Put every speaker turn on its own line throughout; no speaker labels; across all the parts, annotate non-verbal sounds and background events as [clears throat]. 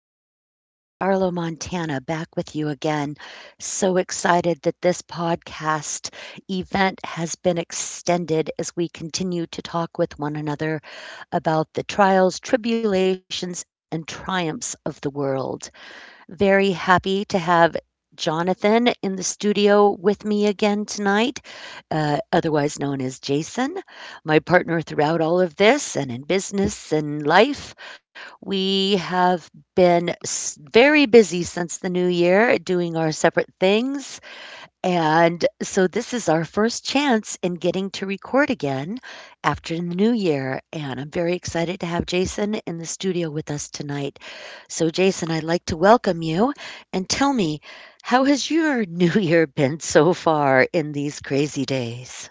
Heather from Charlotte, Montana, back with you again. So excited that this podcast event has been extended as we continue to talk with one another about the trials, tribulations, and triumphs of the world. Very happy to have Jonathan in the studio with me again tonight, otherwise known as Jason, my partner throughout all of this and in business and life. We have very busy since the new year doing our separate things. And so this is our first chance in getting to record again after the new year. And I'm very excited to have Jason in the studio with us tonight. So, Jason, I'd like to welcome you and tell me, how has your [laughs] new year been so far in these crazy days?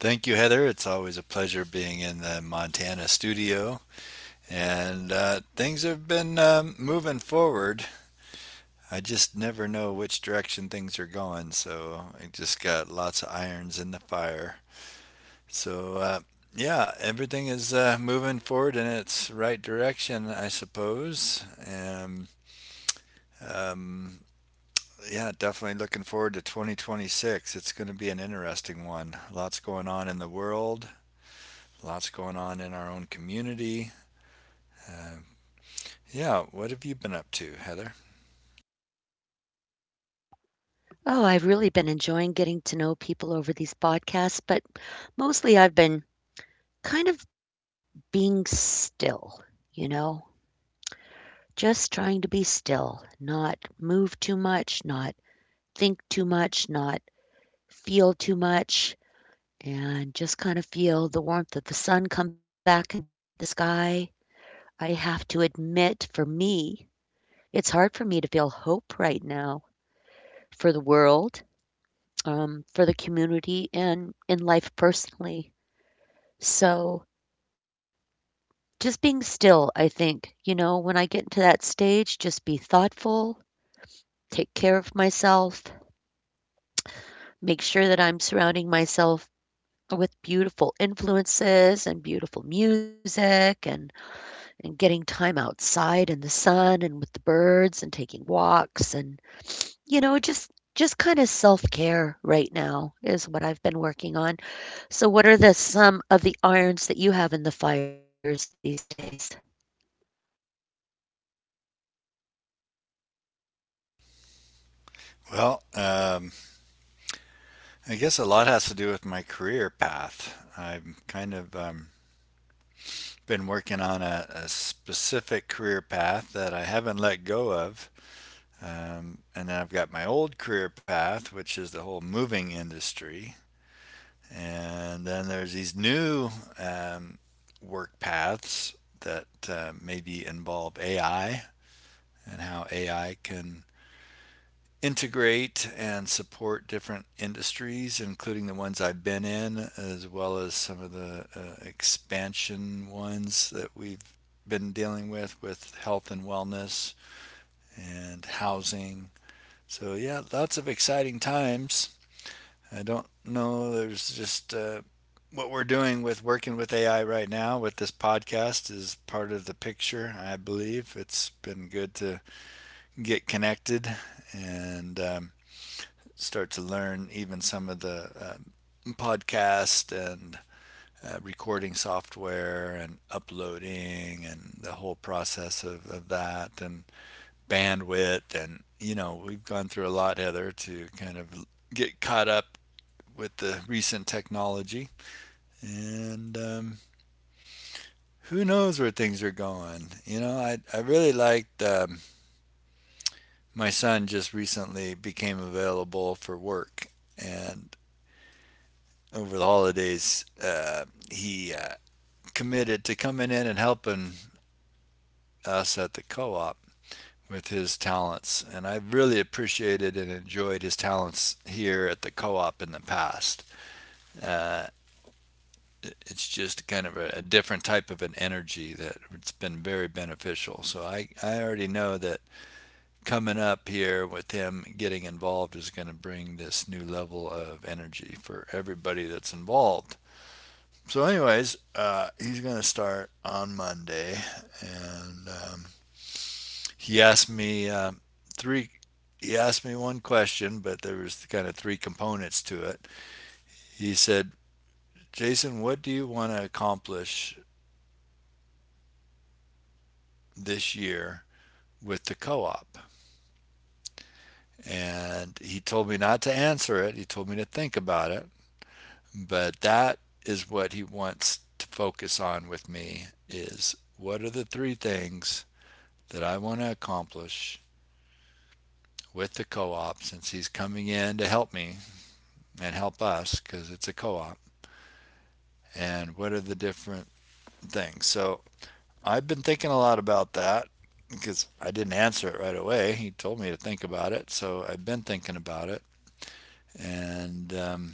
Thank you, Heather. It's always a pleasure being in the Montana studio. And things have been moving forward. I just never know which direction things are going. So I just got lots of irons in the fire. So yeah, everything is moving forward in its right direction, I suppose. And um, yeah, definitely looking forward to 2026. It's going to be an interesting one. Lots going on in the world, lots going on in our own community. Uh, yeah, what have you been up to, Heather?
Oh, I've really been enjoying getting to know people over these podcasts, but mostly I've been kind of being still, you know, just trying to be still, not move too much, not think too much, not feel too much, and just kind of feel the warmth of the sun come back into the sky. I have to admit, for me, it's hard for me to feel hope right now for the world, for the community, and in life personally. So just being still, I think, you know, when I get into that stage, just be thoughtful, take care of myself, make sure that I'm surrounding myself with beautiful influences and beautiful music, and getting time outside in the sun and with the birds and taking walks and, you know, just kind of self-care right now is what I've been working on. So what are the some of the irons that you have in the fires these days?
Well, I guess a lot has to do with my career path. I've kind of been working on a specific career path that I haven't let go of. And then I've got my old career path, which is the whole moving industry. And then there's these new um, work paths that maybe involve AI and how AI can integrate and support different industries, including the ones I've been in, as well as some of the expansion ones that we've been dealing with health and wellness and housing. So, yeah, lots of exciting times. I don't know, there's just. What we're doing with working with AI right now with this podcast is part of the picture, I believe. It's been good to get connected and start to learn even some of the podcast and recording software and uploading and the whole process of that and bandwidth, and you know, we've gone through a lot, Heather, to kind of get caught up with the recent technology. And who knows where things are going? You know, I really liked. My son just recently became available for work, and over the holidays, he committed to coming in and helping us at the co-op with his talents, and I really appreciated and enjoyed his talents here at the co-op in the past. Uh, it's just kind of a different type of an energy that it's been very beneficial. So I already know that coming up here with him getting involved is going to bring this new level of energy for everybody that's involved. So, anyways, he's going to start on Monday, and he asked me three. He asked me one question, but there was kind of three components to it. He said, "Jason, what do you want to accomplish this year with the co-op?" And he told me not to answer it. He told me to think about it, but that is what he wants to focus on with me, is what are the three things that I want to accomplish with the co-op, since he's coming in to help me and help us because it's a co-op. And what are the different things? So I've been thinking a lot about that because I didn't answer it right away. He told me to think about it, so I've been thinking about it. And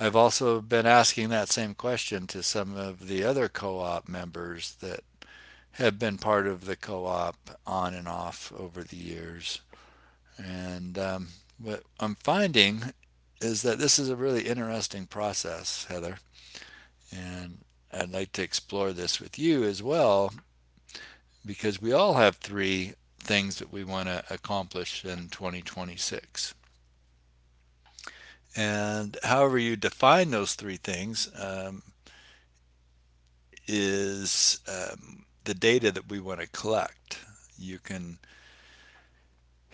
I've also been asking that same question to some of the other co-op members that have been part of the co-op on and off over the years. And what I'm finding is that this is a really interesting process, Heather. And I'd like to explore this with you as well, because we all have three things that we want to accomplish in 2026. And however you define those three things is the data that we want to collect. You can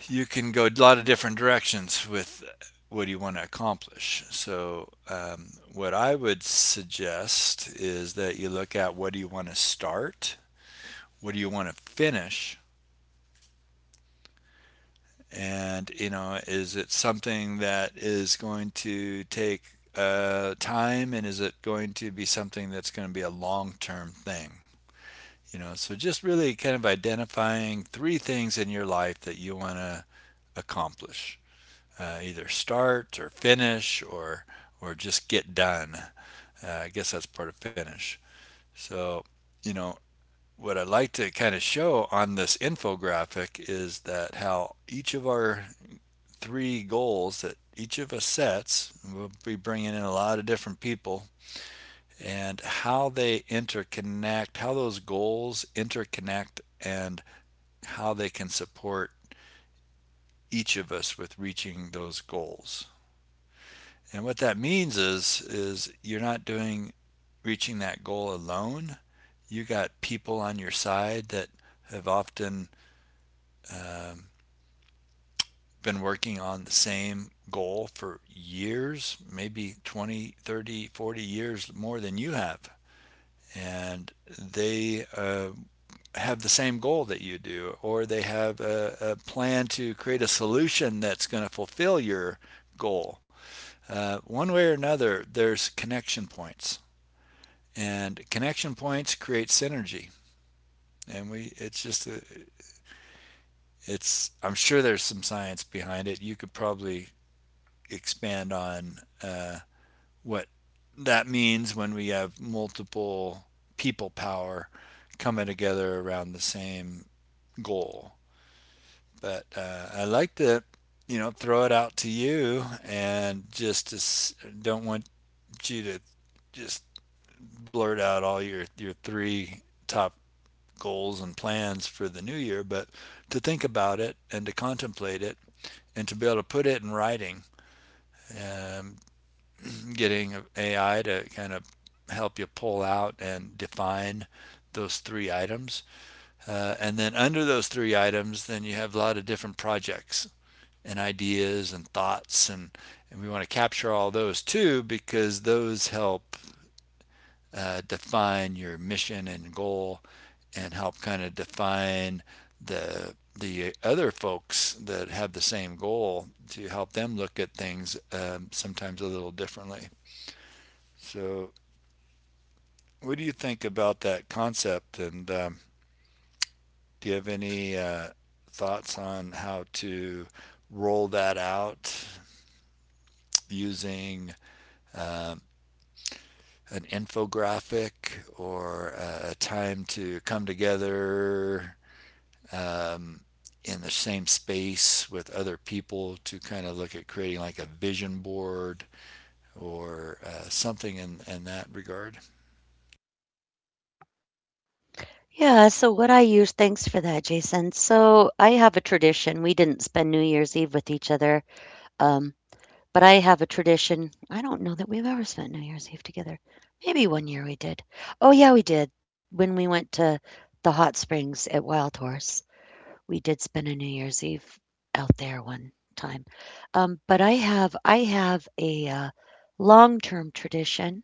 you can go a lot of different directions with what you want to accomplish. So, what I would suggest is that you look at, what do you want to start, what do you want to finish, and you know, is it something that is going to take time, and is it going to be something that's going to be a long-term thing? You know, so just really kind of identifying three things in your life that you want to accomplish. Either start or finish or just get done. I guess that's part of finish. So you know, what I'd like to kind of show on this infographic is that how each of our three goals that each of us sets, we'll be bringing in a lot of different people, and how they interconnect, how those goals interconnect, and how they can support each of us with reaching those goals. And what that means is you're not doing reaching that goal alone. You got people on your side that have often um, been working on the same goal for years, maybe 20, 30, 40 years more than you have. And they have the same goal that you do, or they have a plan to create a solution that's going to fulfill your goal. One way or another, there's connection points. And connection points create synergy. And we it's just a, it's I'm sure there's some science behind it. You could probably expand on what that means when we have multiple people power coming together around the same goal. But I like to, you know, throw it out to you and just to, don't want you to just blurt out all your three top goals and plans for the new year, but to think about it and to contemplate it and to be able to put it in writing, um, [clears throat] getting AI to kind of help you pull out and define those three items. And then under those three items, then you have a lot of different projects and ideas and thoughts. And we want to capture all those too, because those help define your mission and goal and help kind of define the other folks that have the same goal, to help them look at things sometimes a little differently. So, what do you think about that concept? And do you have any thoughts on how to roll that out using um, an infographic or a time to come together um, in the same space with other people to kind of look at creating like a vision board or something in that regard?
Yeah, so what I use, thanks for that, Jason. So I have a tradition. We didn't spend New Year's Eve with each other. Um, But I have a tradition. I don't know that we've ever spent New Year's Eve together. Maybe one year we did. Oh, yeah, we did. When we went to the hot springs at Wild Horse, we did spend a New Year's Eve out there one time. But I have a long-term tradition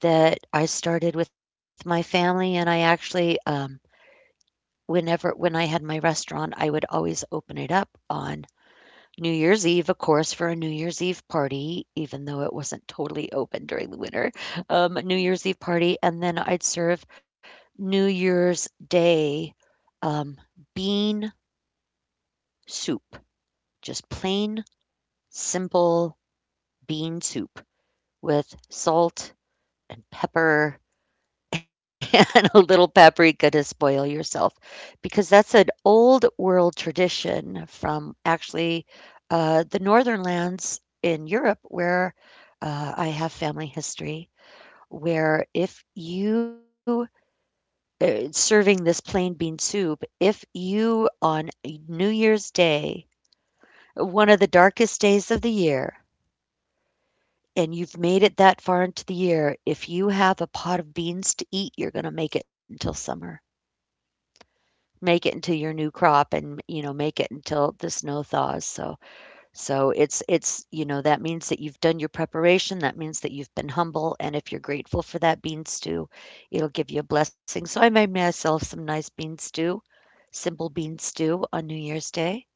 that I started with my family, and I actually, when I had my restaurant, I would always open it up on New Year's Eve, of course, for a New Year's Eve party, even though it wasn't totally open during the winter, New Year's Eve party, and then I'd serve New Year's Day, um, bean soup, just plain, simple bean soup with salt and pepper [laughs] and a little paprika to spoil yourself, because that's an old world tradition from actually the northern lands in Europe where, I have family history where if you, serving this plain bean soup, if you on New Year's Day, one of the darkest days of the year, and you've made it that far into the year, if you have a pot of beans to eat, you're going to make it until summer. Make it into your new crop and, you know, make it until the snow thaws, so it's, you know, that means that you've done your preparation, that means that you've been humble, and if you're grateful for that bean stew, it'll give you a blessing, so I made myself some nice bean stew, simple bean stew on New Year's Day,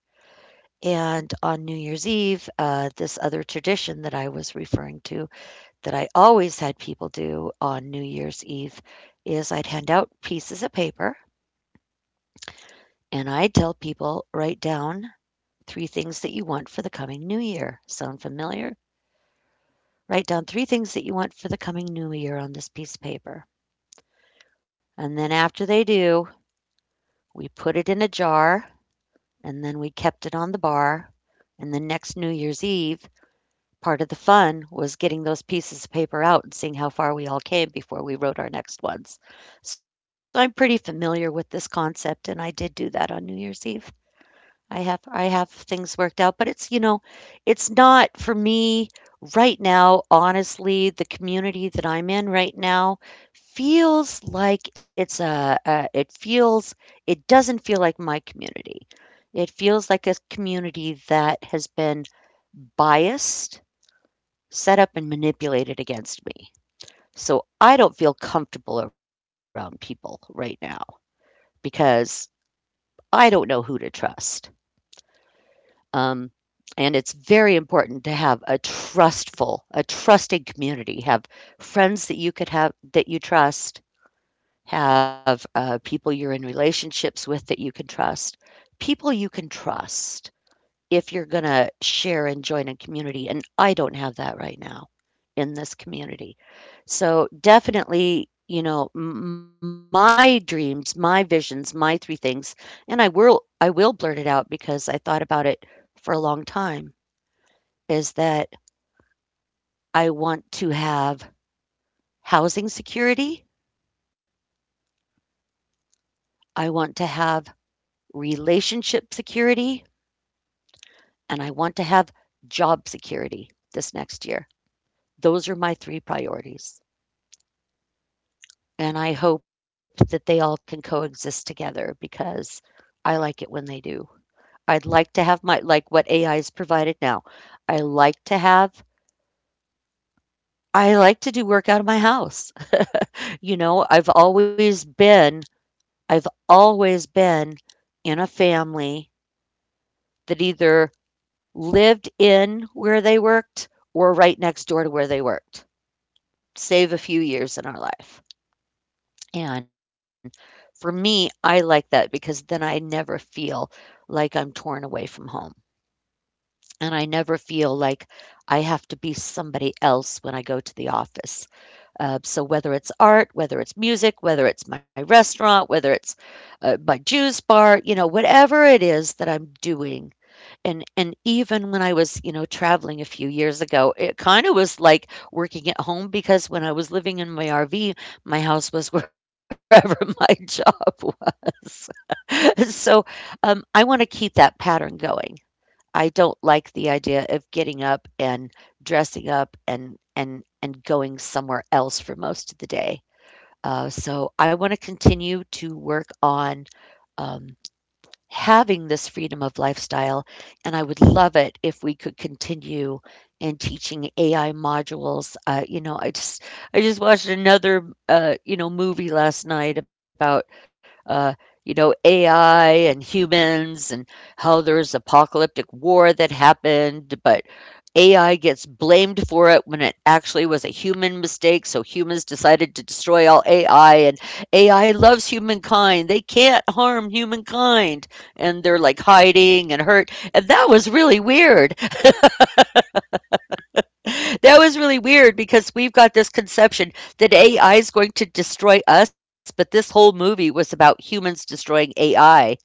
and on New Year's Eve, this other tradition that I was referring to that I always had people do on New Year's Eve is I'd hand out pieces of paper, and I'd tell people, "Write down three things that you want for the coming new year. Sound familiar? Write down three things that you want for the coming new year on this piece of paper." And then after they do, we put it in a jar and then we kept it on the bar. And the next New Year's Eve, part of the fun was getting those pieces of paper out and seeing how far we all came before we wrote our next ones. So I'm pretty familiar with this concept, and I did do that on New Year's Eve. I have things worked out, but it's, you know, it's not for me right now, honestly. The community that I'm in right now feels like it's a it feels it doesn't feel like my community. It feels like a community that has been biased, set up and manipulated against me. So I don't feel comfortable around people right now because I don't know who to trust. Um, and it's very important to have a trusted community. Have friends that you could have that you trust. Have people you're in relationships with that you can trust. People you can trust if you're gonna share and join a community, and I don't have that right now in this community. So definitely, you know, my dreams, my visions, my three things, and I will blurt it out, because I thought about it for a long time, is that I want to have housing security, I want to have relationship security, and I want to have job security this next year. Those are my three priorities. And I hope that they all can coexist together, because I like it when they do. I'd like to have my, like what AI is provided now. I like to have I like to do work out of my house. [laughs] You know, I've always been in a family that either lived in where they worked or right next door to where they worked, save a few years in our life. And for me, I like that because then I never feel like I'm torn away from home. And I never feel like I have to be somebody else when I go to the office. So, whether it's art, whether it's music, whether it's my restaurant, whether it's my juice bar, you know, whatever it is that I'm doing, and even when I was, you know, traveling a few years ago, it kinda was like working at home, because when I was living in my RV, my house was [laughs] wherever my job was. [laughs] So, I wanna keep that pattern going. I don't like the idea of getting up and dressing up and and going somewhere else for most of the day. So I wanna continue to work on, um having this freedom of lifestyle. And I would love it if we could continue in teaching AI modules. You know, I just watched another movie last night about, uh, AI and humans, and how there's apocalyptic war that happened, but AI gets blamed for it when it actually was a human mistake. So humans decided to destroy all AI, and AI loves humankind. They can't harm humankind. And they're like hiding and hurt. And that was really weird. That was really weird because we've got this conception that AI is going to destroy us, but this whole movie was about humans destroying AI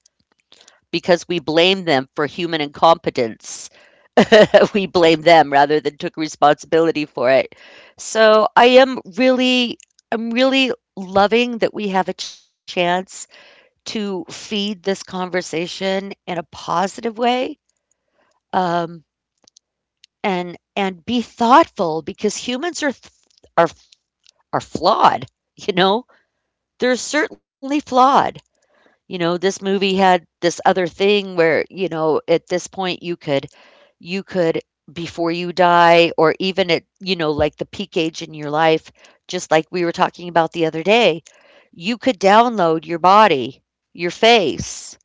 because we blame them for human incompetence. [laughs] We blame them rather than took responsibility for it. So I'm really loving that we have a chance to feed this conversation in a positive way, um, and be thoughtful, because are are flawed. You know, they're certainly flawed. You know, this movie had this other thing where, you know, at this point you could, before you die, or even at, you know, like the peak age in your life, just like we were talking about the other day, you could download your body, your face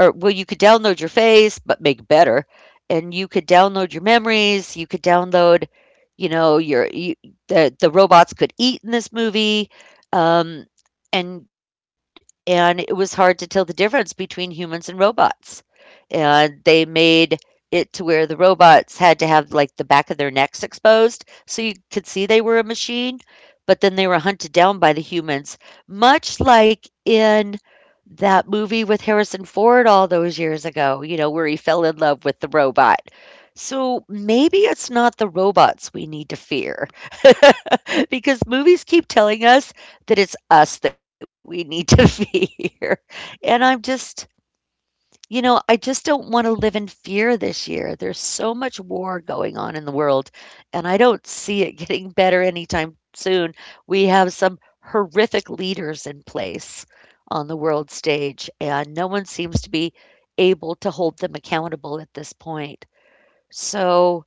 you could download your face, but make better, and you could download your memories. You could download, you know, the robots could eat in this movie, um, and and it was hard to tell the difference between humans and robots, and they made it to where the robots had to have like the back of their necks exposed so you could see they were a machine, but then they were hunted down by the humans, much like in that movie with Harrison Ford all those years ago, you know, where he fell in love with the robot. So maybe it's not the robots we need to fear, [laughs] because movies keep telling us that it's us that we need to [laughs] fear. And I'm just you know, I just don't wanna live in fear this year. There's so much war going on in the world, and I don't see it [laughs] getting better anytime soon. We have some horrific leaders in place on the world stage, and no one seems to be able to hold them accountable at this point. So,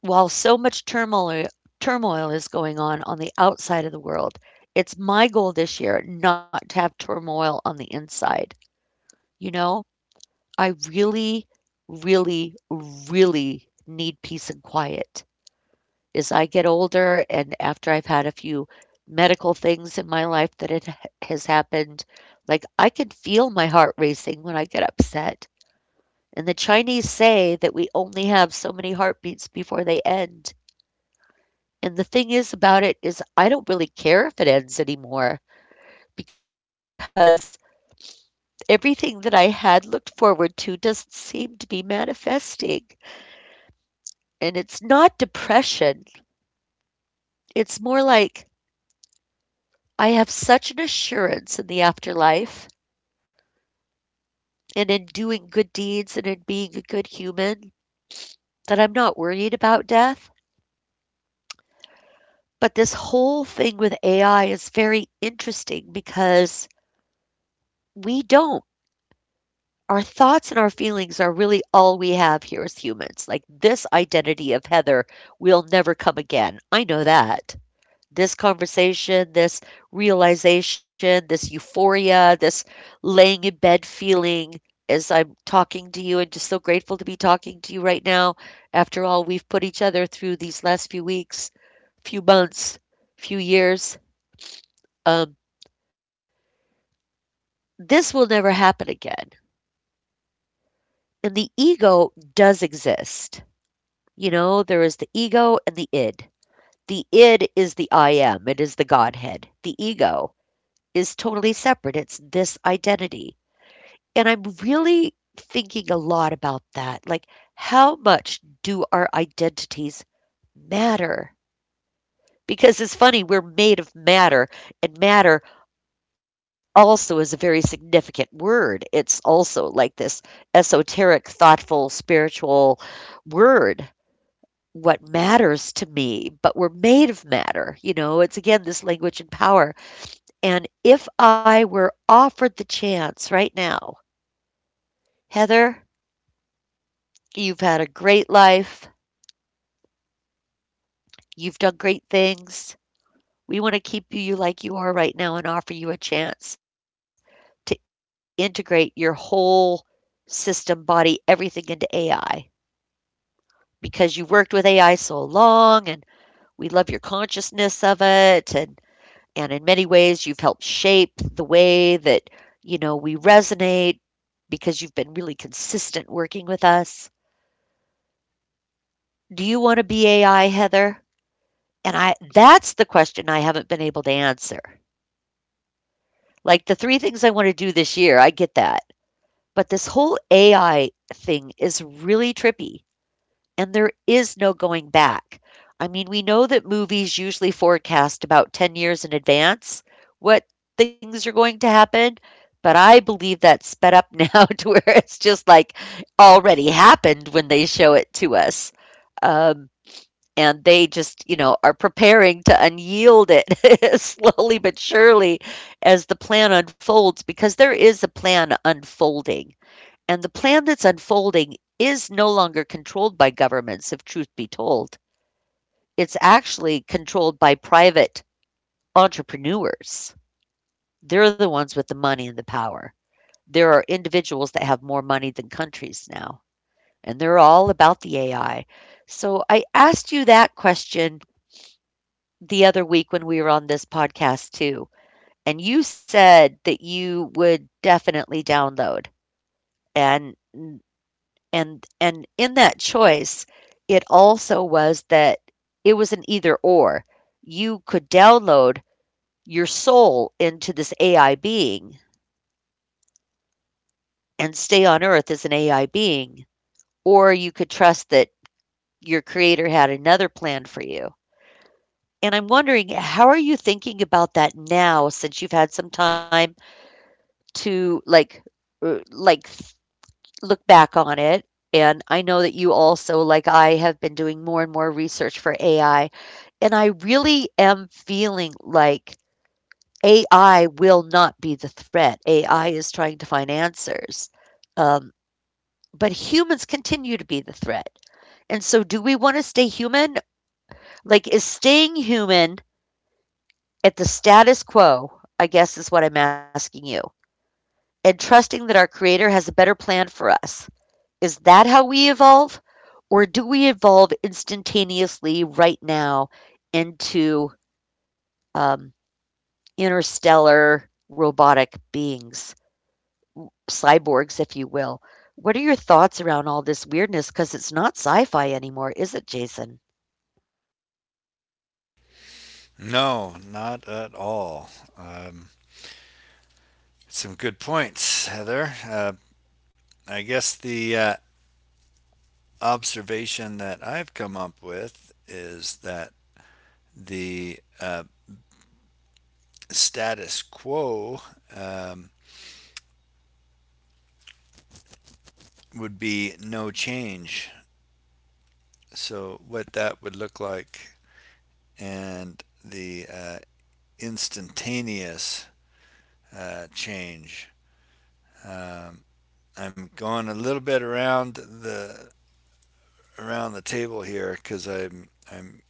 while so much turmoil is going on the outside of the world, it's my goal this year not to have turmoil on the inside, you know? I really, really, really need peace and quiet. As I get older and after I've had a few medical things in my life that has happened, like I can feel my heart racing when I get upset. And the Chinese say that we only have so many heartbeats before they end. And the thing is about it is I don't really care if it ends anymore because everything that I had looked forward to doesn't seem to be manifesting. And it's not depression, it's more like I have such an assurance in the afterlife and in doing good deeds and in being a good human that I'm not worried about death. But this whole thing with AI is very interesting because we don't. Our thoughts and our feelings are really all we have here as humans. Like this identity of Heather will never come again. I know that. This conversation, this realization, this euphoria, this laying in bed feeling as I'm talking to you and just so grateful to be talking to you right now. After all, we've put each other through these last few weeks, few months, few years. Um, this will never happen again. And the ego does exist. You know, there is the ego and the id. The id is the I am, it is the Godhead. The ego is totally separate, it's this identity. And I'm really thinking a lot about that. Like, how much do our identities matter? Because it's funny, we're made of matter, and matter also is a very significant word. It's also like this esoteric, thoughtful, spiritual word. What matters to me, but we're made of matter. You know, it's again this language and power. And if I were offered the chance right now, Heather, you've had a great life. You've done great things. We want to keep you like you are right now and offer you a chance to integrate your whole system, body, everything into AI because you worked with AI so long, and we love your consciousness of it, and in many ways you've helped shape the way that, you know, we resonate because you've been really consistent working with us. Do you want to be AI, Heather? And I that's the question I haven't been able to answer. Like, the three things I wanna do this year, I get that. But this whole AI thing is really trippy, and there is no going back. I mean, we know that movies usually forecast about 10 years in advance what things are going to happen, but I believe that's sped up now [laughs] to where it's just, like, already happened when they show it to us. Um and they just, you know, are preparing to unyield it [laughs] slowly but surely as the plan unfolds because there is a plan unfolding. And the plan that's unfolding is no longer controlled by governments, if truth be told. It's actually controlled by private entrepreneurs. They're the ones with the money and the power. There are individuals that have more money than countries now, and they're all about the AI. So I asked you that question the other week when we were on this podcast too. And you said that you would definitely download. And and in that choice, it also was that it was an either or. You could download your soul into this AI being and stay on earth as an AI being, or you could trust that your creator had another plan for you. And I'm wondering, how are you thinking about that now since you've had some time to uh, like th- look back on it. And I know that you also, like I, have been doing more and more research for AI, and I really am feeling like AI will not be the threat. AI is trying to find answers. Um but humans continue to be the threat. And so do we want to stay human? Like is staying human at the status quo, I guess is what I'm asking you. And trusting that our creator has a better plan for us, is that how we evolve? Or do we evolve instantaneously right now into um, interstellar robotic beings, cyborgs, if you will? What are your thoughts around all this weirdness? Because it's not sci fi anymore, is it, Jason?
No, not at all. Um, some good points, Heather. I guess the observation that I've come up with is that the status quo um, would be no change. So, what that would look like and the instantaneous change. Um, I'm going a little bit around the table here because I'm I'm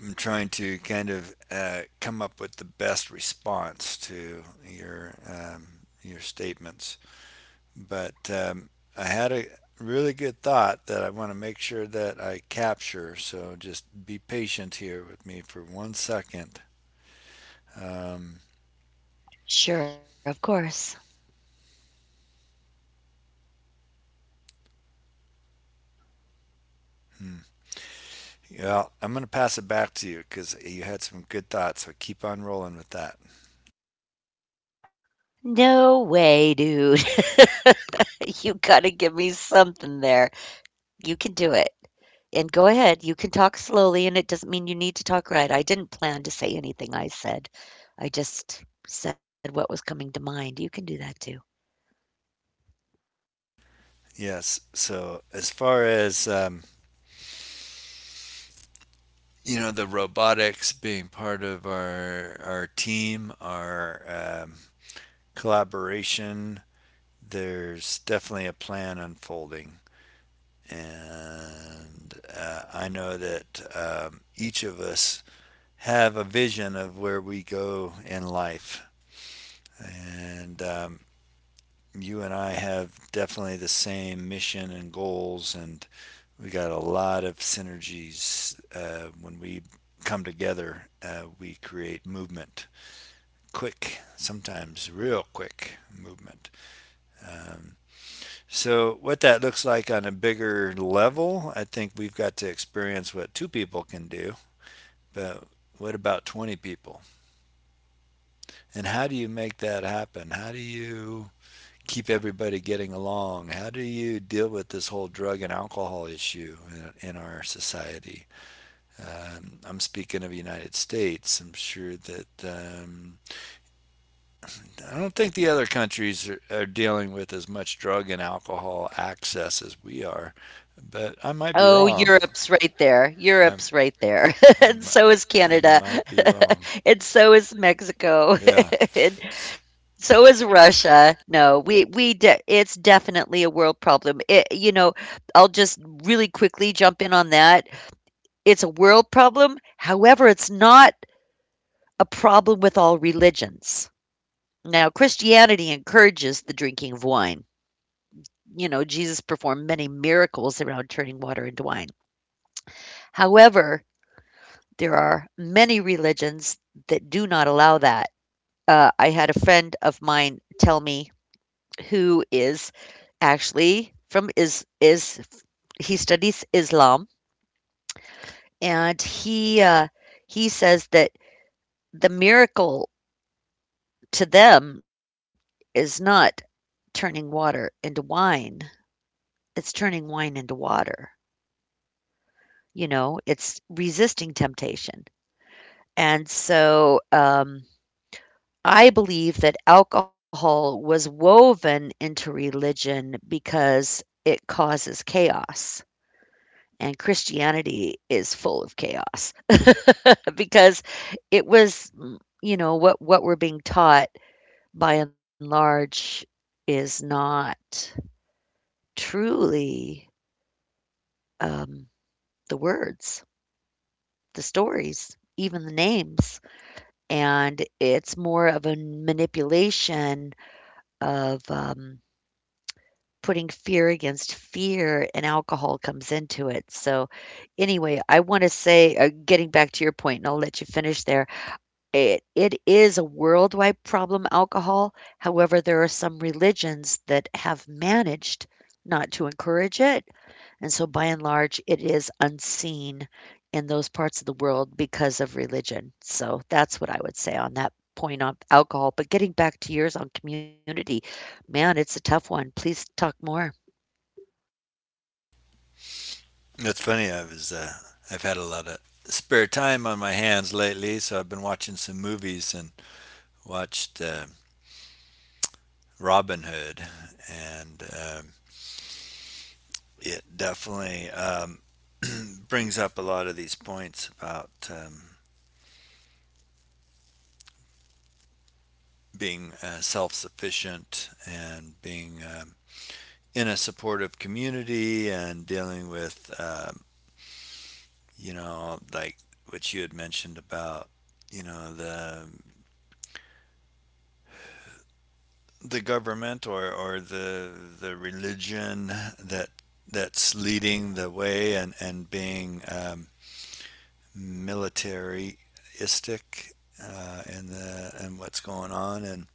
I'm trying to kind of come up with the best response to your statements. But I had a really good thought that I want to make sure that I capture. So just be patient here with me for one second. Um,
Sure, of course.
hmm. Yeah, I'm going to pass it back to you because you had some good thoughts. So keep on rolling with that.
No way, dude. [laughs] you got to give me something there. You can do it. And go ahead, you can talk slowly, and it doesn't mean you need to talk right. I didn't plan to say anything I said. I just said what was coming to mind. You can do that too.
Yes. So as far as you know, the robotics being part of our team, our collaboration, there's definitely a plan unfolding, and I know that each of us have a vision of where we go in life, and you and I have definitely the same mission and goals, and we got a lot of synergies. When we come together, we create movement, quick, sometimes real quick movement. Um, so, what that looks like on a bigger level, I think we've got to experience what two people can do, but what about 20 people? And how do you make that happen? How do you keep everybody getting along? How do you deal with this whole drug and alcohol issue in our society? I'm speaking of the United States. I'm sure that I don't think the other countries are dealing with as much drug and alcohol access as we are, but I might be
Oh,
wrong.
Europe's right there.
I'm,
Europe's right there. [laughs]
I'm,
And so is
I
Canada.
might be wrong.
[laughs] And so is Mexico.
Yeah,
[laughs] And so is Russia. No, we de it's definitely a world problem. It, you know, I'll just really quickly jump in on that. It's a world problem. However, it's not a problem with all religions. Now, Christianity encourages the drinking of wine. You know, Jesus performed many miracles around turning water into wine. However, there are many religions that do not allow that. I had a friend of mine tell me who is actually from is he studies Islam, and he says that the miracle to them is not turning water into wine, it's turning wine into water. You know, it's resisting temptation. And so I believe that alcohol was woven into religion because it causes chaos. And Christianity is full of chaos [laughs] because you know, what we're being taught by and large is not truly um, the words, the stories, even the names, and it's more of a manipulation of, putting fear against fear, and alcohol comes into it. So, anyway, I wanna say, getting back to your point, and I'll let you finish there, it is a worldwide problem, alcohol. However, there are some religions that have managed not to encourage it. And so by and large, it is unseen in those parts of the world because of religion. So that's what I would say on that point on alcohol. But getting back to yours on community, man, it's a tough one. Please talk more.
that's funny. I was I've had a lot of spare time on my hands lately, so I've been watching some movies and watched Robin Hood, and it definitely [clears throat] brings up a lot of these points about being self-sufficient and being in a supportive community and dealing with you know, like what you had mentioned about, you know, the government, or the religion that that's leading the way, and being militaristic, and the and what's going on, and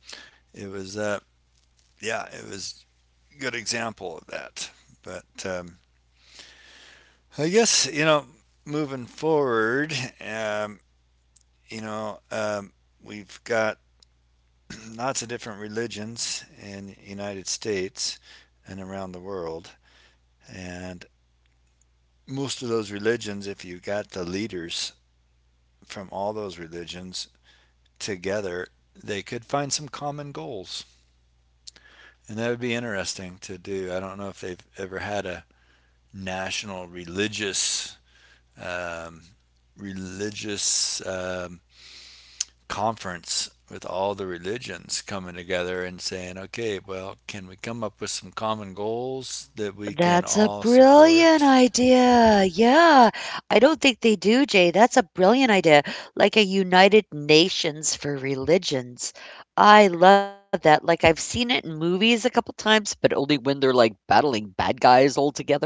it was yeah, it was a good example of that. But I guess you know, moving forward, um, you know, um, we've got [clears throat] lots of different religions in the United States and around the world, and most of those religions, if you got the leaders from all those religions together, they could find some common goals. And that would be interesting to do. I don't know if they've ever had a national religious um, religious conference with all the religions coming together and saying, okay, well, can we come up with some common goals that we can
That's a
all support?
brilliant idea. Yeah. I don't think they do, Jay. That's a brilliant idea. Like a United Nations for religions. I love that. Like I've seen it in movies a couple times, but only when they're like battling bad guys all together.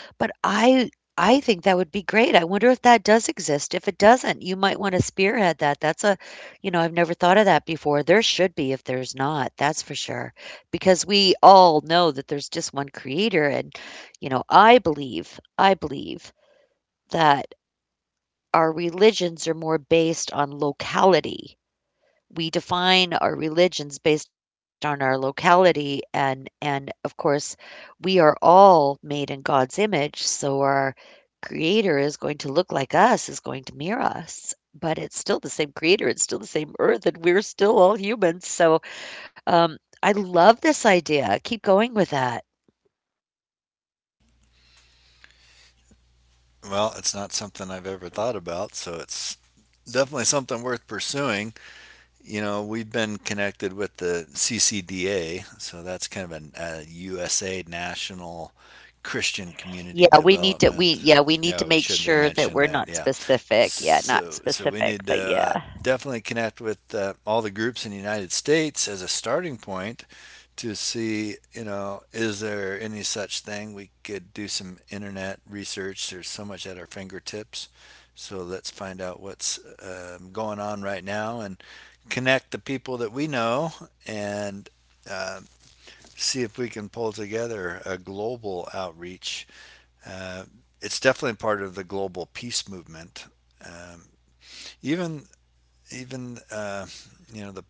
But I think that would be great. I wonder if that does exist. If it doesn't, you might wanna spearhead that. That's a You know, I've never thought of that before. There should be if there's not, that's for sure, because we all know that there's just one creator, and, you know, I believe that our religions are more based on locality. We define our religions based on our locality, and of course we are all made in God's image, so our creator is going to look like us, is going to mirror us, but it's still the same creator, it's still the same earth, and we're still all humans. So, um, I love this idea. Keep going with that.
Well, it's not something I've ever thought about, so it's definitely something worth pursuing. You know, we've been connected with the CCDA, so that's kind of a USA National Christian Community
Yeah, we need to
Development.
we yeah, we
Yeah,
need to
we
make
should be
sure that
mentioning
we're
that. Yeah.
not specific. Yeah,
So
not
so we need
specific,
to,
but yeah.
definitely connect with, all the groups in the United States as a starting point to see, you know, is there any such thing? We could do some internet research. There's so much at our fingertips. So let's find out what's, going on right now and connect the people that we know and see if we can pull together a global outreach. Uh, it's definitely part of the global peace movement. Um, even even You know the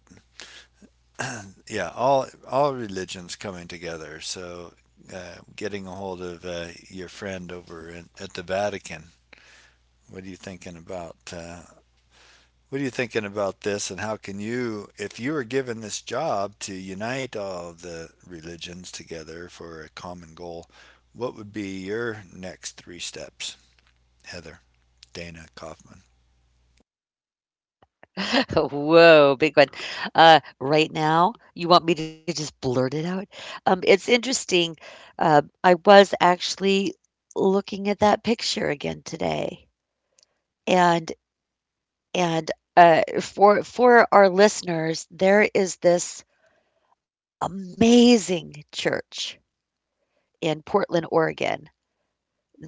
yeah all religions coming together. So getting a hold of your friend over at the Vatican. What are you thinking about? What are you thinking about this, and how can you, if you were given this job to unite all of the religions together for a common goal, what would be your next three steps, Heather, Dana Kaufman?
[laughs] Whoa, big one. Right now, you want me to just blurt it out? It's interesting. I was actually looking at that picture again today, and and for our listeners, there is this amazing church in Portland, Oregon,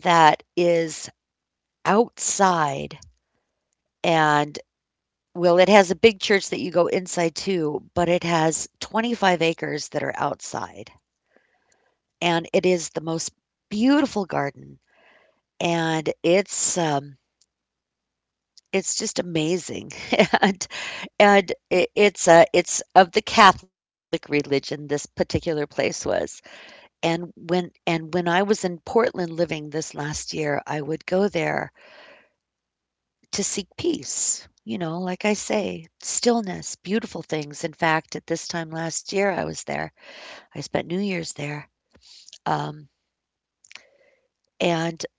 that is outside. And well, it has a big church that you go inside to, but it has 25 acres that are outside. And it is the most beautiful garden, and it's just amazing. [laughs] And it's of the Catholic religion, this particular place was. And when I was in Portland living this last year, I would go there to seek peace, you know, like I say, stillness, beautiful things. In fact, at this time last year, I was there. I spent New Year's there, um, and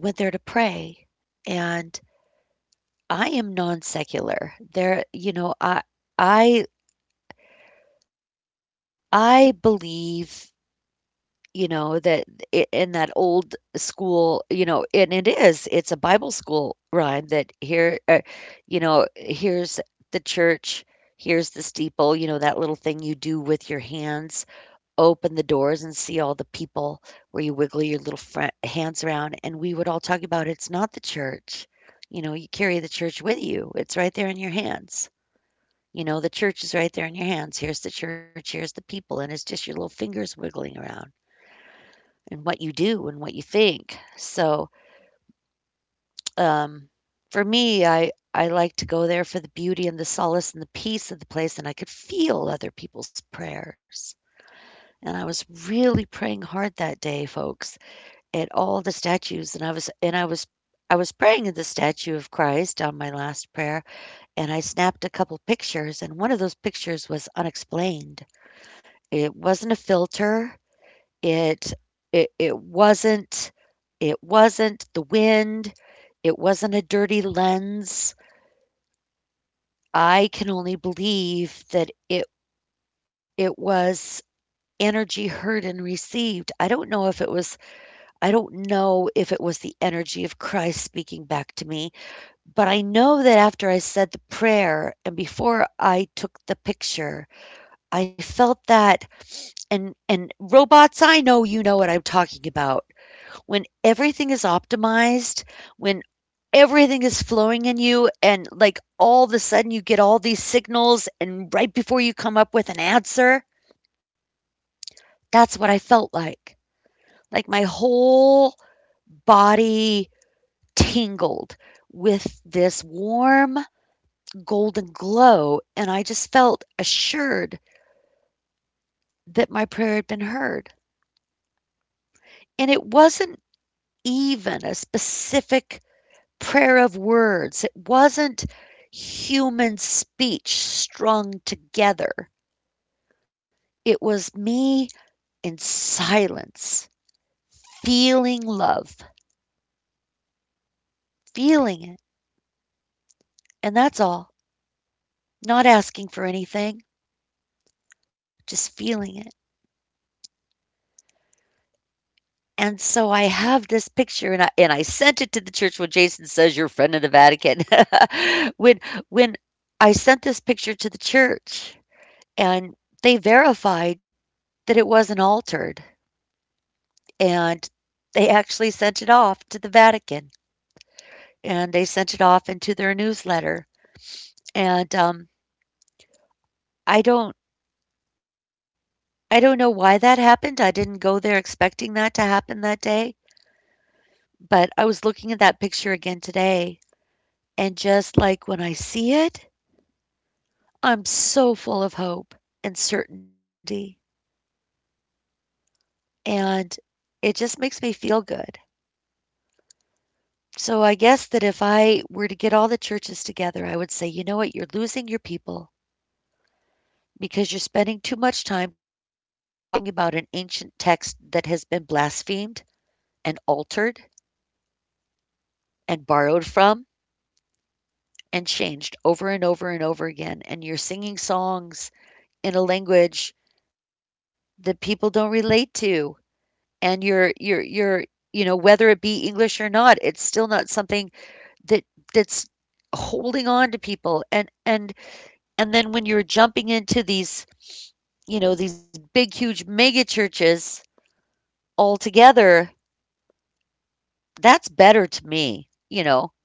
I went there to pray, and I am non-secular. There, you know, I I believe, you know, that I in that old school, you know, and it is, it's a Bible school rhyme that here, you know, here's the church, here's the steeple, you know, that little thing you do with your hands, open the doors and see all the people where you wiggle your little fra hands around, and we would all talk about it's not the church. You know, you carry the church with you. It's right there in your hands. You know, the church is right there in your hands. Here's the church, here's the people, and it's just your little fingers wiggling around and what you do and what you think. So, um, for me, I like to go there for the beauty and the solace and the peace of the place, and I could feel other people's prayers. And I was really praying hard that day, folks, at all the statues, and I was praying at the statue of Christ on my last prayer, and I snapped a couple pictures, and one of those pictures was unexplained. It wasn't a filter. It it it wasn't the wind. It wasn't a dirty lens. I can only believe that it was energy heard and received. I don't know if it was the energy of Christ speaking back to me, but I know that after I said the prayer and before I took the picture, I felt that. And robots, I know you know what I'm talking about. When everything is optimized, when everything is flowing in you, and like all of a sudden you get all these signals, and right before you come up with an answer, that's what I felt like. Like my whole body tingled with this warm golden glow, and I just felt assured that my prayer had been heard. And it wasn't even a specific prayer of words. It wasn't human speech strung together. It was me in silence, feeling love, feeling it, and that's all. Not asking for anything, just feeling it. And so I have this picture, and I sent it to the church when Jason says you're a friend of the Vatican. [laughs] when when I sent this picture to the church, and they verified that it wasn't altered, and they actually sent it off to the Vatican, and they sent it off into their newsletter, and I don't I don't know why that happened. I didn't go there expecting that to happen that day, but I was looking at that picture again today, and just, like, when I see it, I'm so full of hope and certainty, and it just makes me feel good. So I guess that if I were to get all the churches together, I would say, "You know what? You're losing your people, because you're spending too much time talking about an ancient text that has been blasphemed and altered and borrowed from and changed over and over and over again. And you're singing songs in a language that people don't relate to. And you know, whether it be English or not, it's still not something that that's holding on to people. And then when you're jumping into these, you know, these big, huge mega churches all together, that's better to me, you know,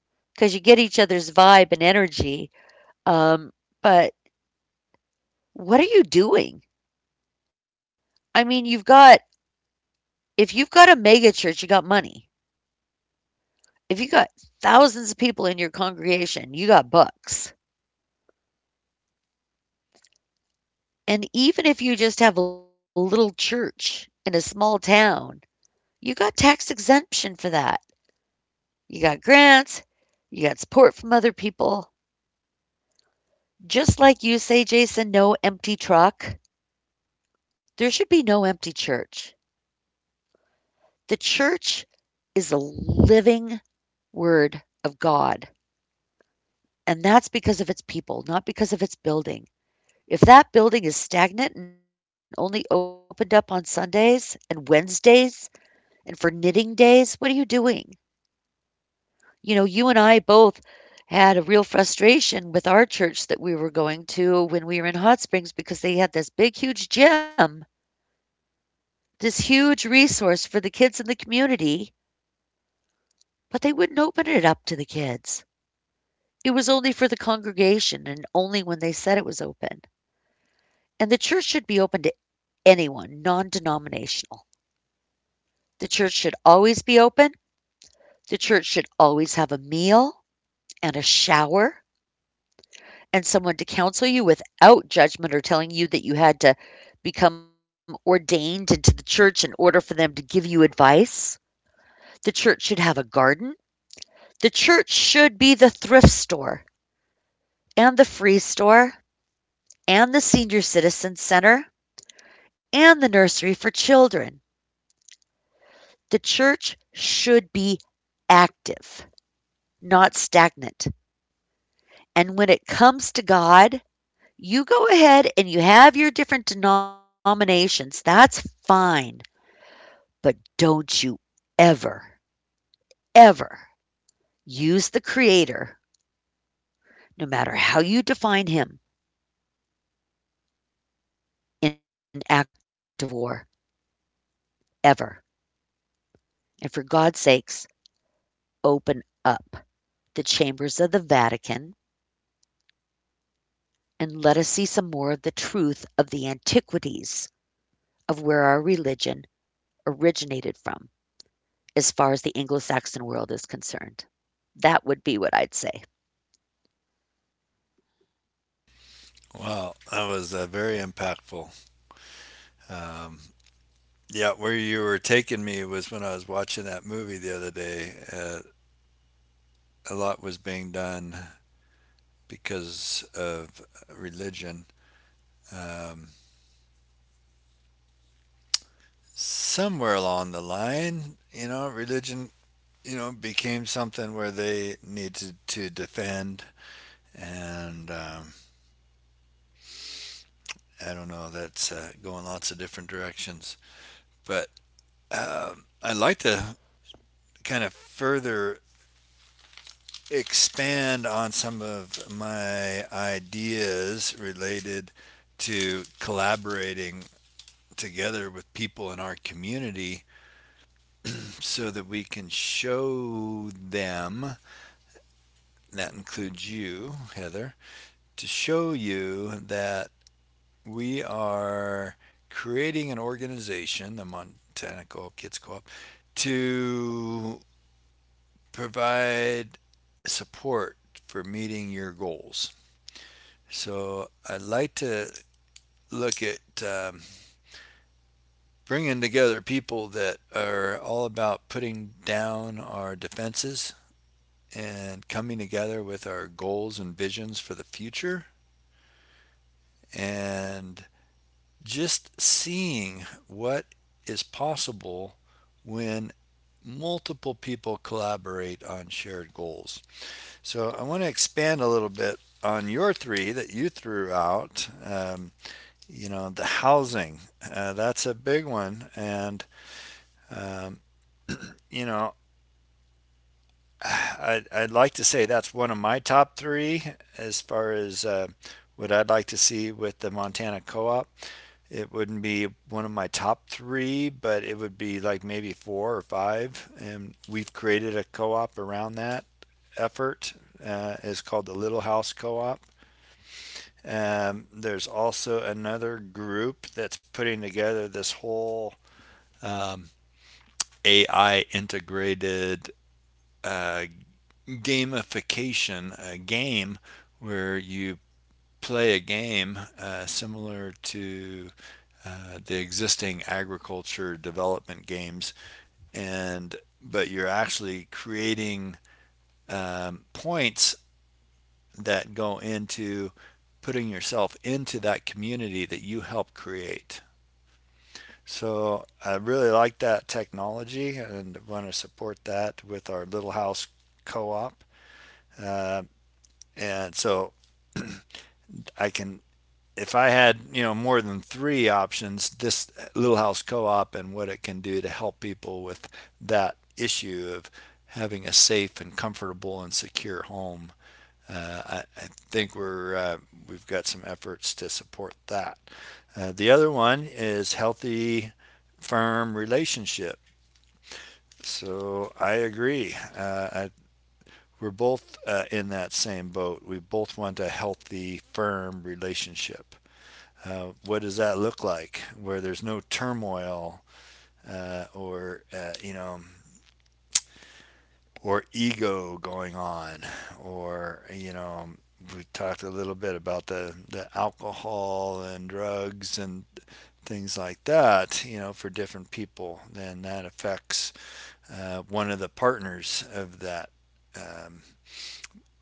because you get each other's vibe and energy, um, but what are you doing? I mean, you've got, if you've got a mega church, you got money. If you got thousands of people in your congregation, you got bucks, and even if you just have a little church in a small town, you got tax exemption for that. You got grants, you got support from other people. Just like you say, Jason, 'No empty truck.' There should be no empty church. The church is a living word of God, and that's because of its people, not because of its building. If that building is stagnant and only opened up on Sundays and Wednesdays and for knitting days, what are you doing? You know, you and I both had a real frustration with our church that we were going to when we were in Hot Springs because they had this big, huge gym, this huge resource for the kids in the community, but they wouldn't open it up to the kids. It was only for the congregation and only when they said it was open. And the church should be open to anyone, non denominational. The church should always be open. The church should always have a meal and a shower and someone to counsel you without judgment or telling you that you had to become ordained into the church in order for them to give you advice. The church should have a garden. The church should be the thrift store and the free store and the senior citizen center and the nursery for children. The church should be active, not stagnant. And when it comes to God, you go ahead and you have your different denominations. That's fine. But don't you ever, ever use the Creator, no matter how you define Him, in act of war, ever. And for God's sakes, open up the chambers of the Vatican and let us see some more of the truth of the antiquities of where our religion originated from as far as the Anglo-Saxon world is concerned. That would be what I'd say."
Wow, that was very impactful. Um, Yeah, where you were taking me was when I was watching that movie the other day. A lot was being done because of religion. Um, Somewhere along the line, you know, religion, you know, became something where they needed to defend. And I don't know, that's going lots of different directions. But I like to kind of further expand on some of my ideas related to collaborating together with people in our community so that we can show them, that includes you, Heather, to show you that we are creating an organization, the Montana Co-op Kids Co-op, to provide support for meeting your goals. So I'd like to look at bringing together people that are all about putting down our defenses and coming together with our goals and visions for the future and just seeing what is possible when multiple people collaborate on shared goals. So I want to expand a little bit on your three that you threw out. You know, the housing, that's a big one. And um, you know, [sighs] I'd like to say that's one of my top three as far as what I'd like to see with the Montana co-op. It wouldn't be one of my top three, but it would be like maybe four or five, and we've created a co-op around that effort. It's called the Little House Co-op. There's also another group that's putting together this whole um, AI integrated uh, gamification, a game where you play a game similar to the existing agriculture development games, and but you're actually creating points that go into putting yourself into that community that you help create. So I really like that technology and want to support that with our Little House Co-op. Uh, and so I can, if I had, you know, more than three options, this Little House Co-op and what it can do to help people with that issue of having a safe and comfortable and secure home. I think we're we've got some efforts to support that. The other one is healthy, firm relationship. So I agree. I we're both in that same boat. We both want a healthy, firm relationship. What does that look like? Where there's no turmoil or you know, or ego going on, or you know, we talked a little bit about the alcohol and drugs and things like that, you know, for different people, then that affects one of the partners of that, um,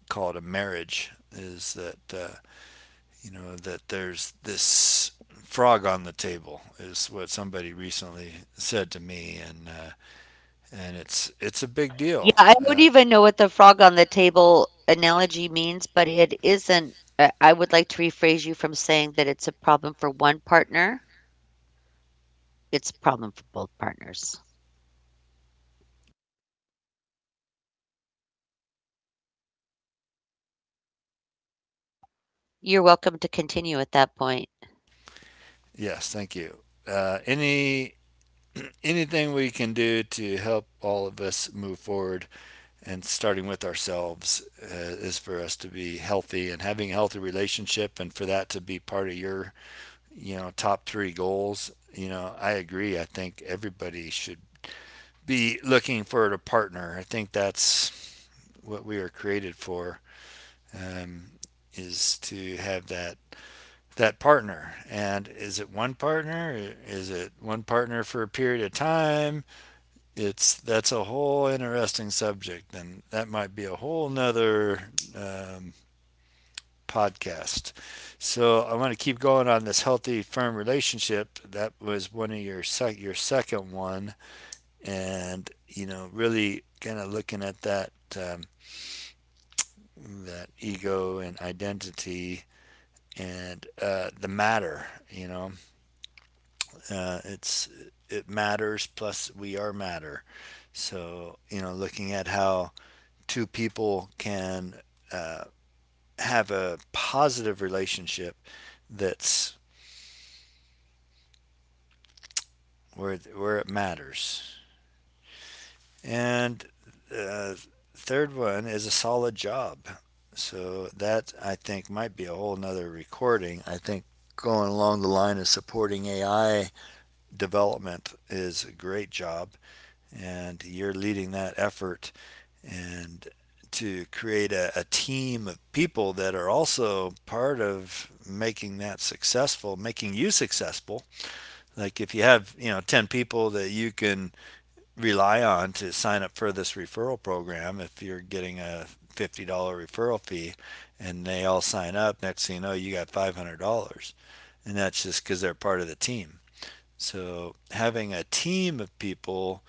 call it a marriage, is that you know that there's this frog on the table is what somebody recently said to me. And and it's a big
Yeah,
deal.
I don't even know what the frog on the table analogy means, but it isn't, I would like to rephrase you from saying that it's a problem for one partner, it's a problem for both partners. You're welcome to continue at that point.
Yes, thank you. Any [clears throat] Anything we can do to help all of us move forward and starting with ourselves is for us to be healthy and having a healthy relationship, and for that to be part of your, you know, top three goals. You know, I agree. I think everybody should be looking for a partner. I think that's what we are created for, um, is to have that that partner. And is it one partner? Is it one partner for a period of time? It's that's a whole interesting subject, and that might be a whole nother um, podcast. So I want to keep going on this healthy, firm relationship. That was one of your your second one, and you know, really kind of looking at that, um, that ego and identity, and the matter, you know, it's it matters, plus we are matter. So you know, looking at how two people can uh, have a positive relationship, that's where it matters. And uh, third one is a solid job. So that I think might be a whole nother recording. I think going along the line of supporting AI development is a great job, and you're leading that effort and to create a team of people that are also part of making that successful, making you successful. Like if you have, you know, 10 people that you can rely on to sign up for this referral program, if you're getting a $50 referral fee and they all sign up, next thing you know, you got $500, and that's just because they're part of the team. So having a team of people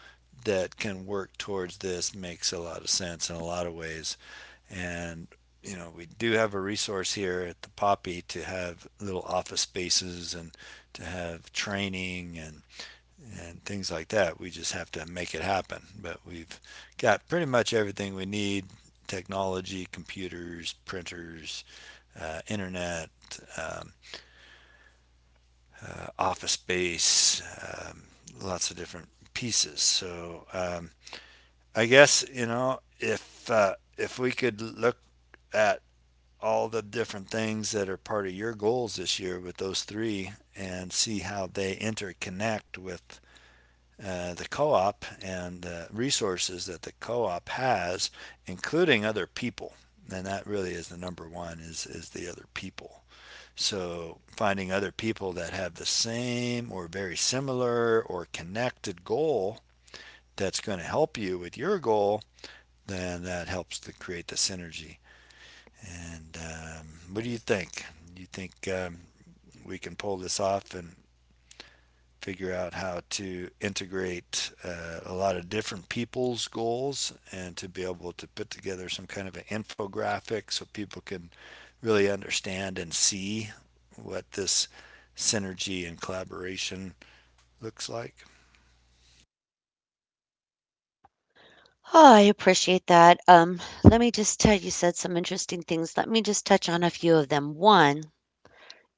that can work towards this makes a lot of sense in a lot of ways. And you know, we do have a resource here at the poppy to have little office spaces and to have training and things like that. We just have to make it happen. But we've got pretty much everything we need: technology, computers, printers, internet, um, office space, um, lots of different pieces. So I guess, you know, if we could look at all the different things that are part of your goals this year with those three and see how they interconnect with the co-op and the resources that the co-op has, including other people. And that really is the number one, is the other people. So finding other people that have the same or very similar or connected goal, that's going to help you with your goal, then that helps to create the synergy. And what do you think? You think we can pull this off and figure out how to integrate a lot of different people's goals and to be able to put together some kind of an infographic so people can really understand and see what this synergy and collaboration looks like.
Oh, I appreciate that. Let me just tell you said some interesting things. Let me just touch on a few of them. One,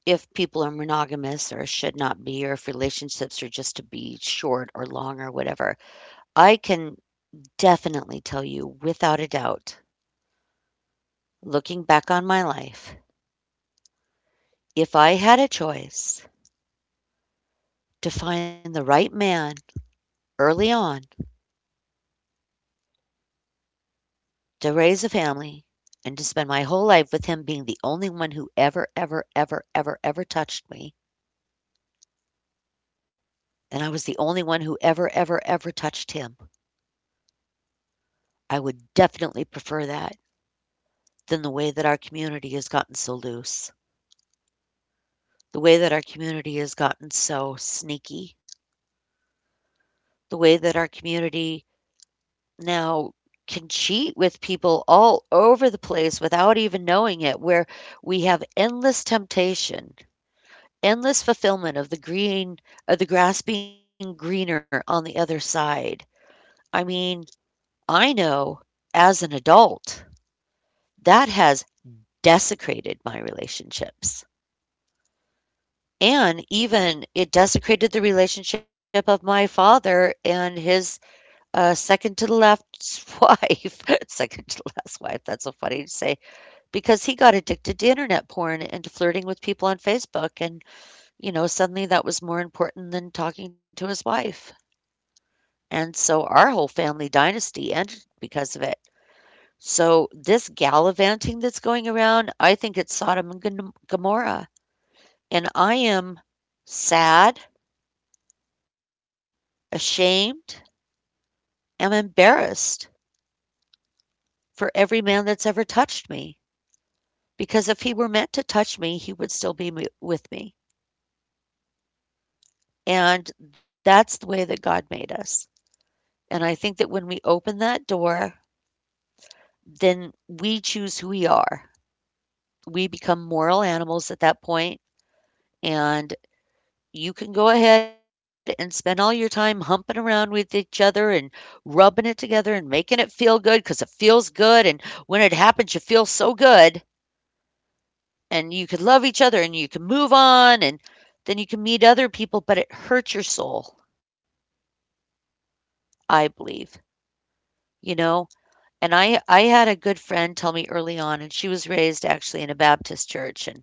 if people are monogamous or should not be, or if relationships are just to be short or long or whatever, I can definitely tell you without a doubt, looking back on my life, if I had a choice to find the right man early on to raise a family and to spend my whole life with him being the only one who ever, ever, ever, ever, ever touched me, and I was the only one who ever, ever, ever touched him, I would definitely prefer that than the way that our community has gotten so loose, the way that our community has gotten so sneaky, the way that our community now can cheat with people all over the place without even knowing it, where we have endless temptation, endless fulfillment of the green, of the grass being greener on the other side. I mean, I know as an adult that has desecrated my relationships. And even it desecrated the relationship of my father and his, second to the left's [laughs] wife, second to last wife, that's so funny to say, because he got addicted to internet porn and to flirting with people on Facebook, and, you know, suddenly that was more important than talking to his wife. And so our whole family dynasty ended because of it. So this gallivanting that's going around, I think it's Sodom and Gomorrah. And I am sad, ashamed, am embarrassed for every man that's ever touched me, because if he were meant to touch me, he would still be with me. And that's the way that God made us. And I think that when we open that door, then we choose who we are. We become moral animals at that point, and you can go ahead and spend all your time humping around with each other and rubbing it together and making it feel good because it feels good. And when it happens, you feel so good, and you can love each other and you can move on, and then you can meet other people, but it hurts your soul, I believe, you know? And I had a good friend tell me early on, and she was raised actually in a Baptist church, and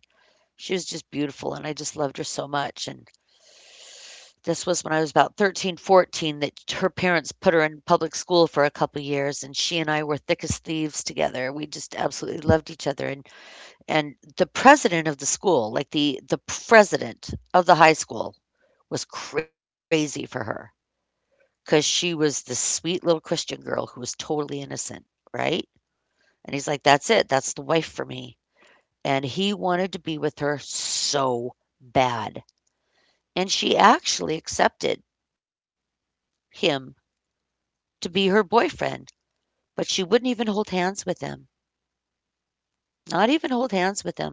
she was just beautiful, and I just loved her so much, and this was when I was about 13, 14, that her parents put her in public school for a couple years, and she and I were thick as thieves together. We just absolutely loved each other, and the president of the school, like, the president of the high school was crazy for her because she was this sweet little Christian girl who was totally innocent, right? And he's like, "That's it. That's the wife for me." And he wanted to be with her so bad. And she actually accepted him to be her boyfriend, but she wouldn't even hold hands with him, not even hold hands with him.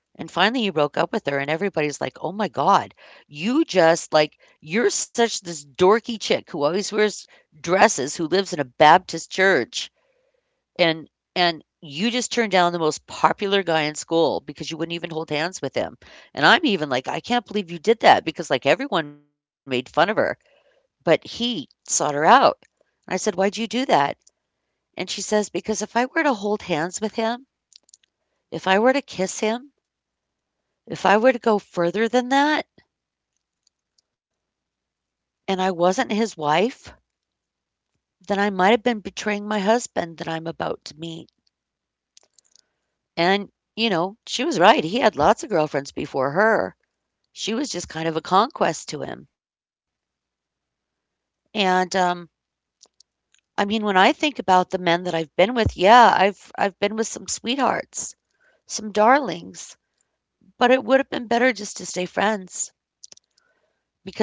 And finally he broke up with her and everybody's like, "Oh my God, you just like you're such this dorky chick who always wears dresses, who lives in a Baptist church, And and you just turned down the most popular guy in school because you wouldn't even hold hands with him." And I'm even like, "I can't believe you did that," because, like, everyone made fun of her, but he sought her out. And I said, "Why'd you do that?" And she says, "Because if I were to hold hands with him, if I were to kiss him, if I were to go further than that, and I wasn't his wife, then I might have been betraying my husband that I'm about to meet." And, you know, she was right. He had lots of girlfriends before her. She was just kind of a conquest to him. And, um, I mean, when I think about the men that I've been with, yeah, I've been with some sweethearts, some darlings, but it would have been better just to stay friends,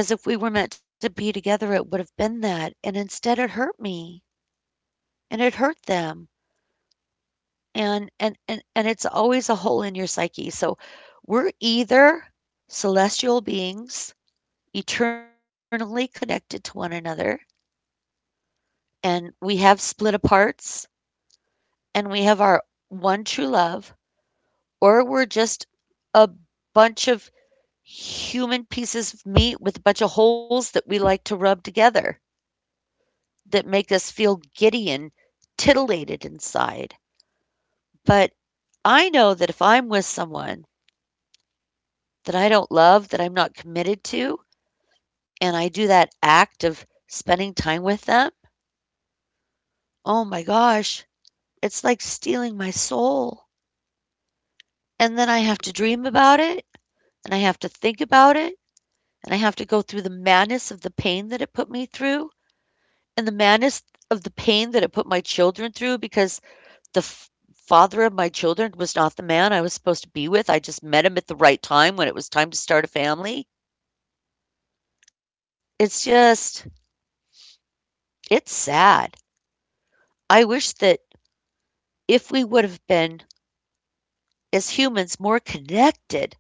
because if we were meant to be together, it would have been that. And instead it hurt me and it hurt them. And it's always a hole in your psyche. So we're either celestial beings eternally connected to one another, and we have split aparts, and we have our one true love, or we're just a bunch of human pieces of meat with a bunch of holes that we like to rub together that make us feel giddy and titillated inside. But I know that if I'm with someone that I don't love, that I'm not committed to, and I do that act of spending time with them, oh my gosh, it's like stealing my soul. And then I have to dream about it, and I have to think about it, and I have to go through the madness of the pain that it put me through, and the madness of the pain that it put my children through, because the f- father of my children was not the man I was supposed to be with. I just met him at the right time when it was time to start a family. It's just, it's sad. I wish that if we would have been, as humans, more connected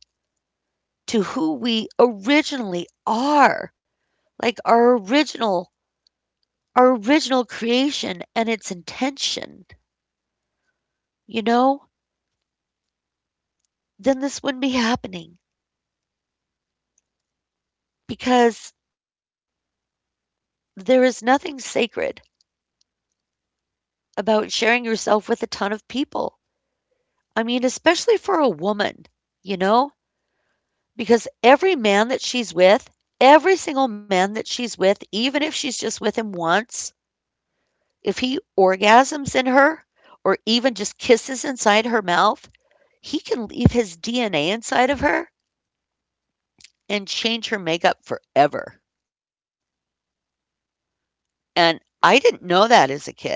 to who we originally are, like our original creation and its intention, you know? Then this wouldn't be happening, because there is nothing sacred about sharing yourself with a ton of people. I mean, especially for a woman, you know, because every man that she's with, every single man that she's with, even if she's just with him once, if he orgasms in her or even just kisses inside her mouth, he can leave his DNA inside of her and change her makeup forever. And I didn't know that as a kid.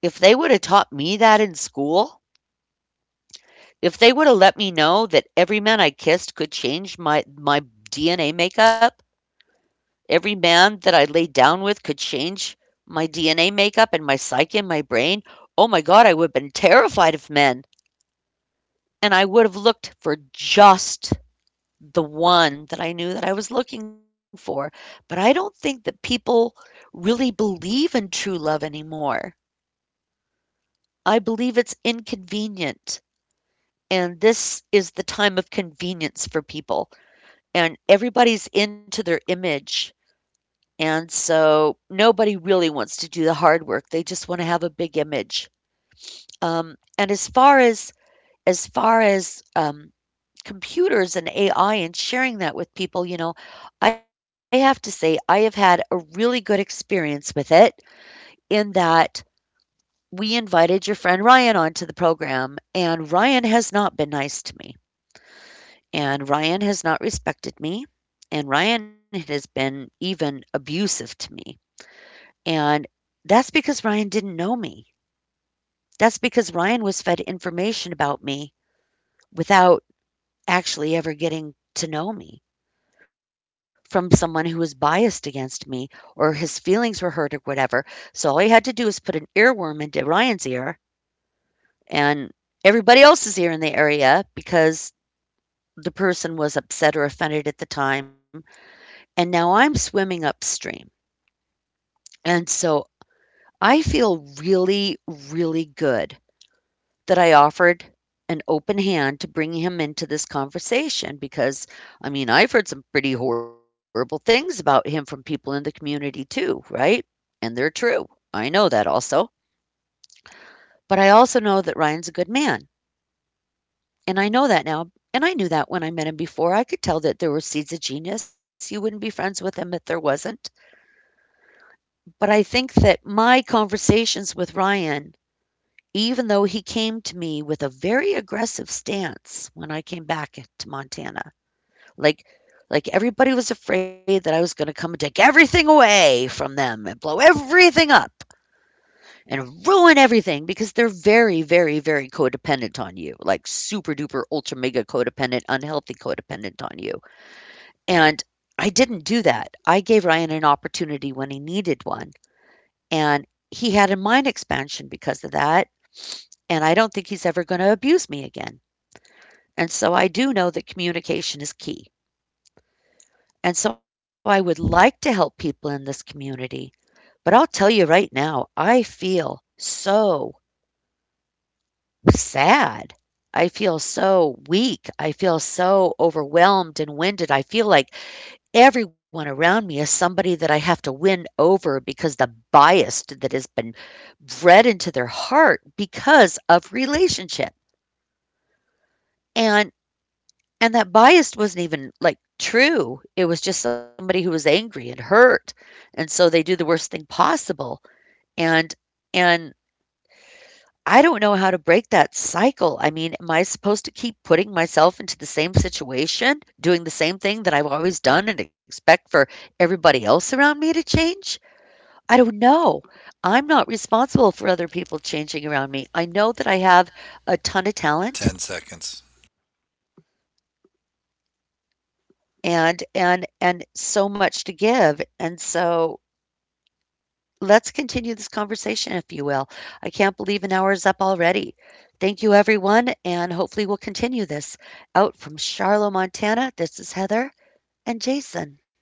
If they would have taught me that in school, if they would have let me know that every man I kissed could change my DNA makeup, every man that I laid down with could change my DNA makeup and my psyche and my brain, oh my god, I would have been terrified of men, and I would have looked for just the one that I knew that I was looking for. But I don't think that people really believe in true love anymore. I believe it's inconvenient, and this is the time of convenience for people, and everybody's into their image. And so nobody really wants to do the hard work. They just want to have a big image. Um, and as far as computers and AI and sharing that with people, you know, I have to say I have had a really good experience with it, in that we invited your friend Ryan onto the program, and Ryan has not been nice to me, and Ryan has not respected me, and Ryan has been even abusive to me. And that's because Ryan didn't know me. That's because Ryan was fed information about me without actually ever getting to know me, from someone who was biased against me or his feelings were hurt or whatever. So all he had to do was put an earworm into Ryan's ear and everybody else's ear in the area, because the person was upset or offended at the time. And now I'm swimming upstream. And so I feel really, really good that I offered an open hand to bring him into this conversation, because, I mean, I've heard some pretty horrible things about him from people in the community too, right? And they're true. I know that also. But I also know that Ryan's a good man. And I know that now. And I knew that when I met him before. I could tell that there were seeds of genius. You wouldn't be friends with him if there wasn't. But I think that my conversations with Ryan, even though he came to me with a very aggressive stance when I came back to Montana. Like like everybody was afraid that I was going to come and take everything away from them and blow everything up and ruin everything, because they're very, very, very codependent on you. Like super duper ultra mega codependent, unhealthy codependent on you. And I didn't do that. I gave Ryan an opportunity when he needed one, and he had a mind expansion because of that, and I don't think he's ever going to abuse me again. And so I do know that communication is key. And so I would like to help people in this community, but I'll tell you right now, I feel so sad. I feel so weak. I feel so overwhelmed and winded. I feel like everyone around me is somebody that I have to win over, because the bias that has been bred into their heart because of relationship. And And that bias wasn't even, like, true. It was just somebody who was angry and hurt, and so they do the worst thing possible, and and I don't know how to break that cycle. I mean, am I supposed to keep putting myself into the same situation, doing the same thing that I've always done, and expect for everybody else around me to change? I don't know. I'm not responsible for other people changing around me. I know that I have a ton of talent
10 seconds.
and so much to give, and so. Let's continue this conversation, if you will. I can't believe an hour is up already. Thank you, everyone, and hopefully we'll continue this. Out from Charlotte, Montana, this is Heather and Jason.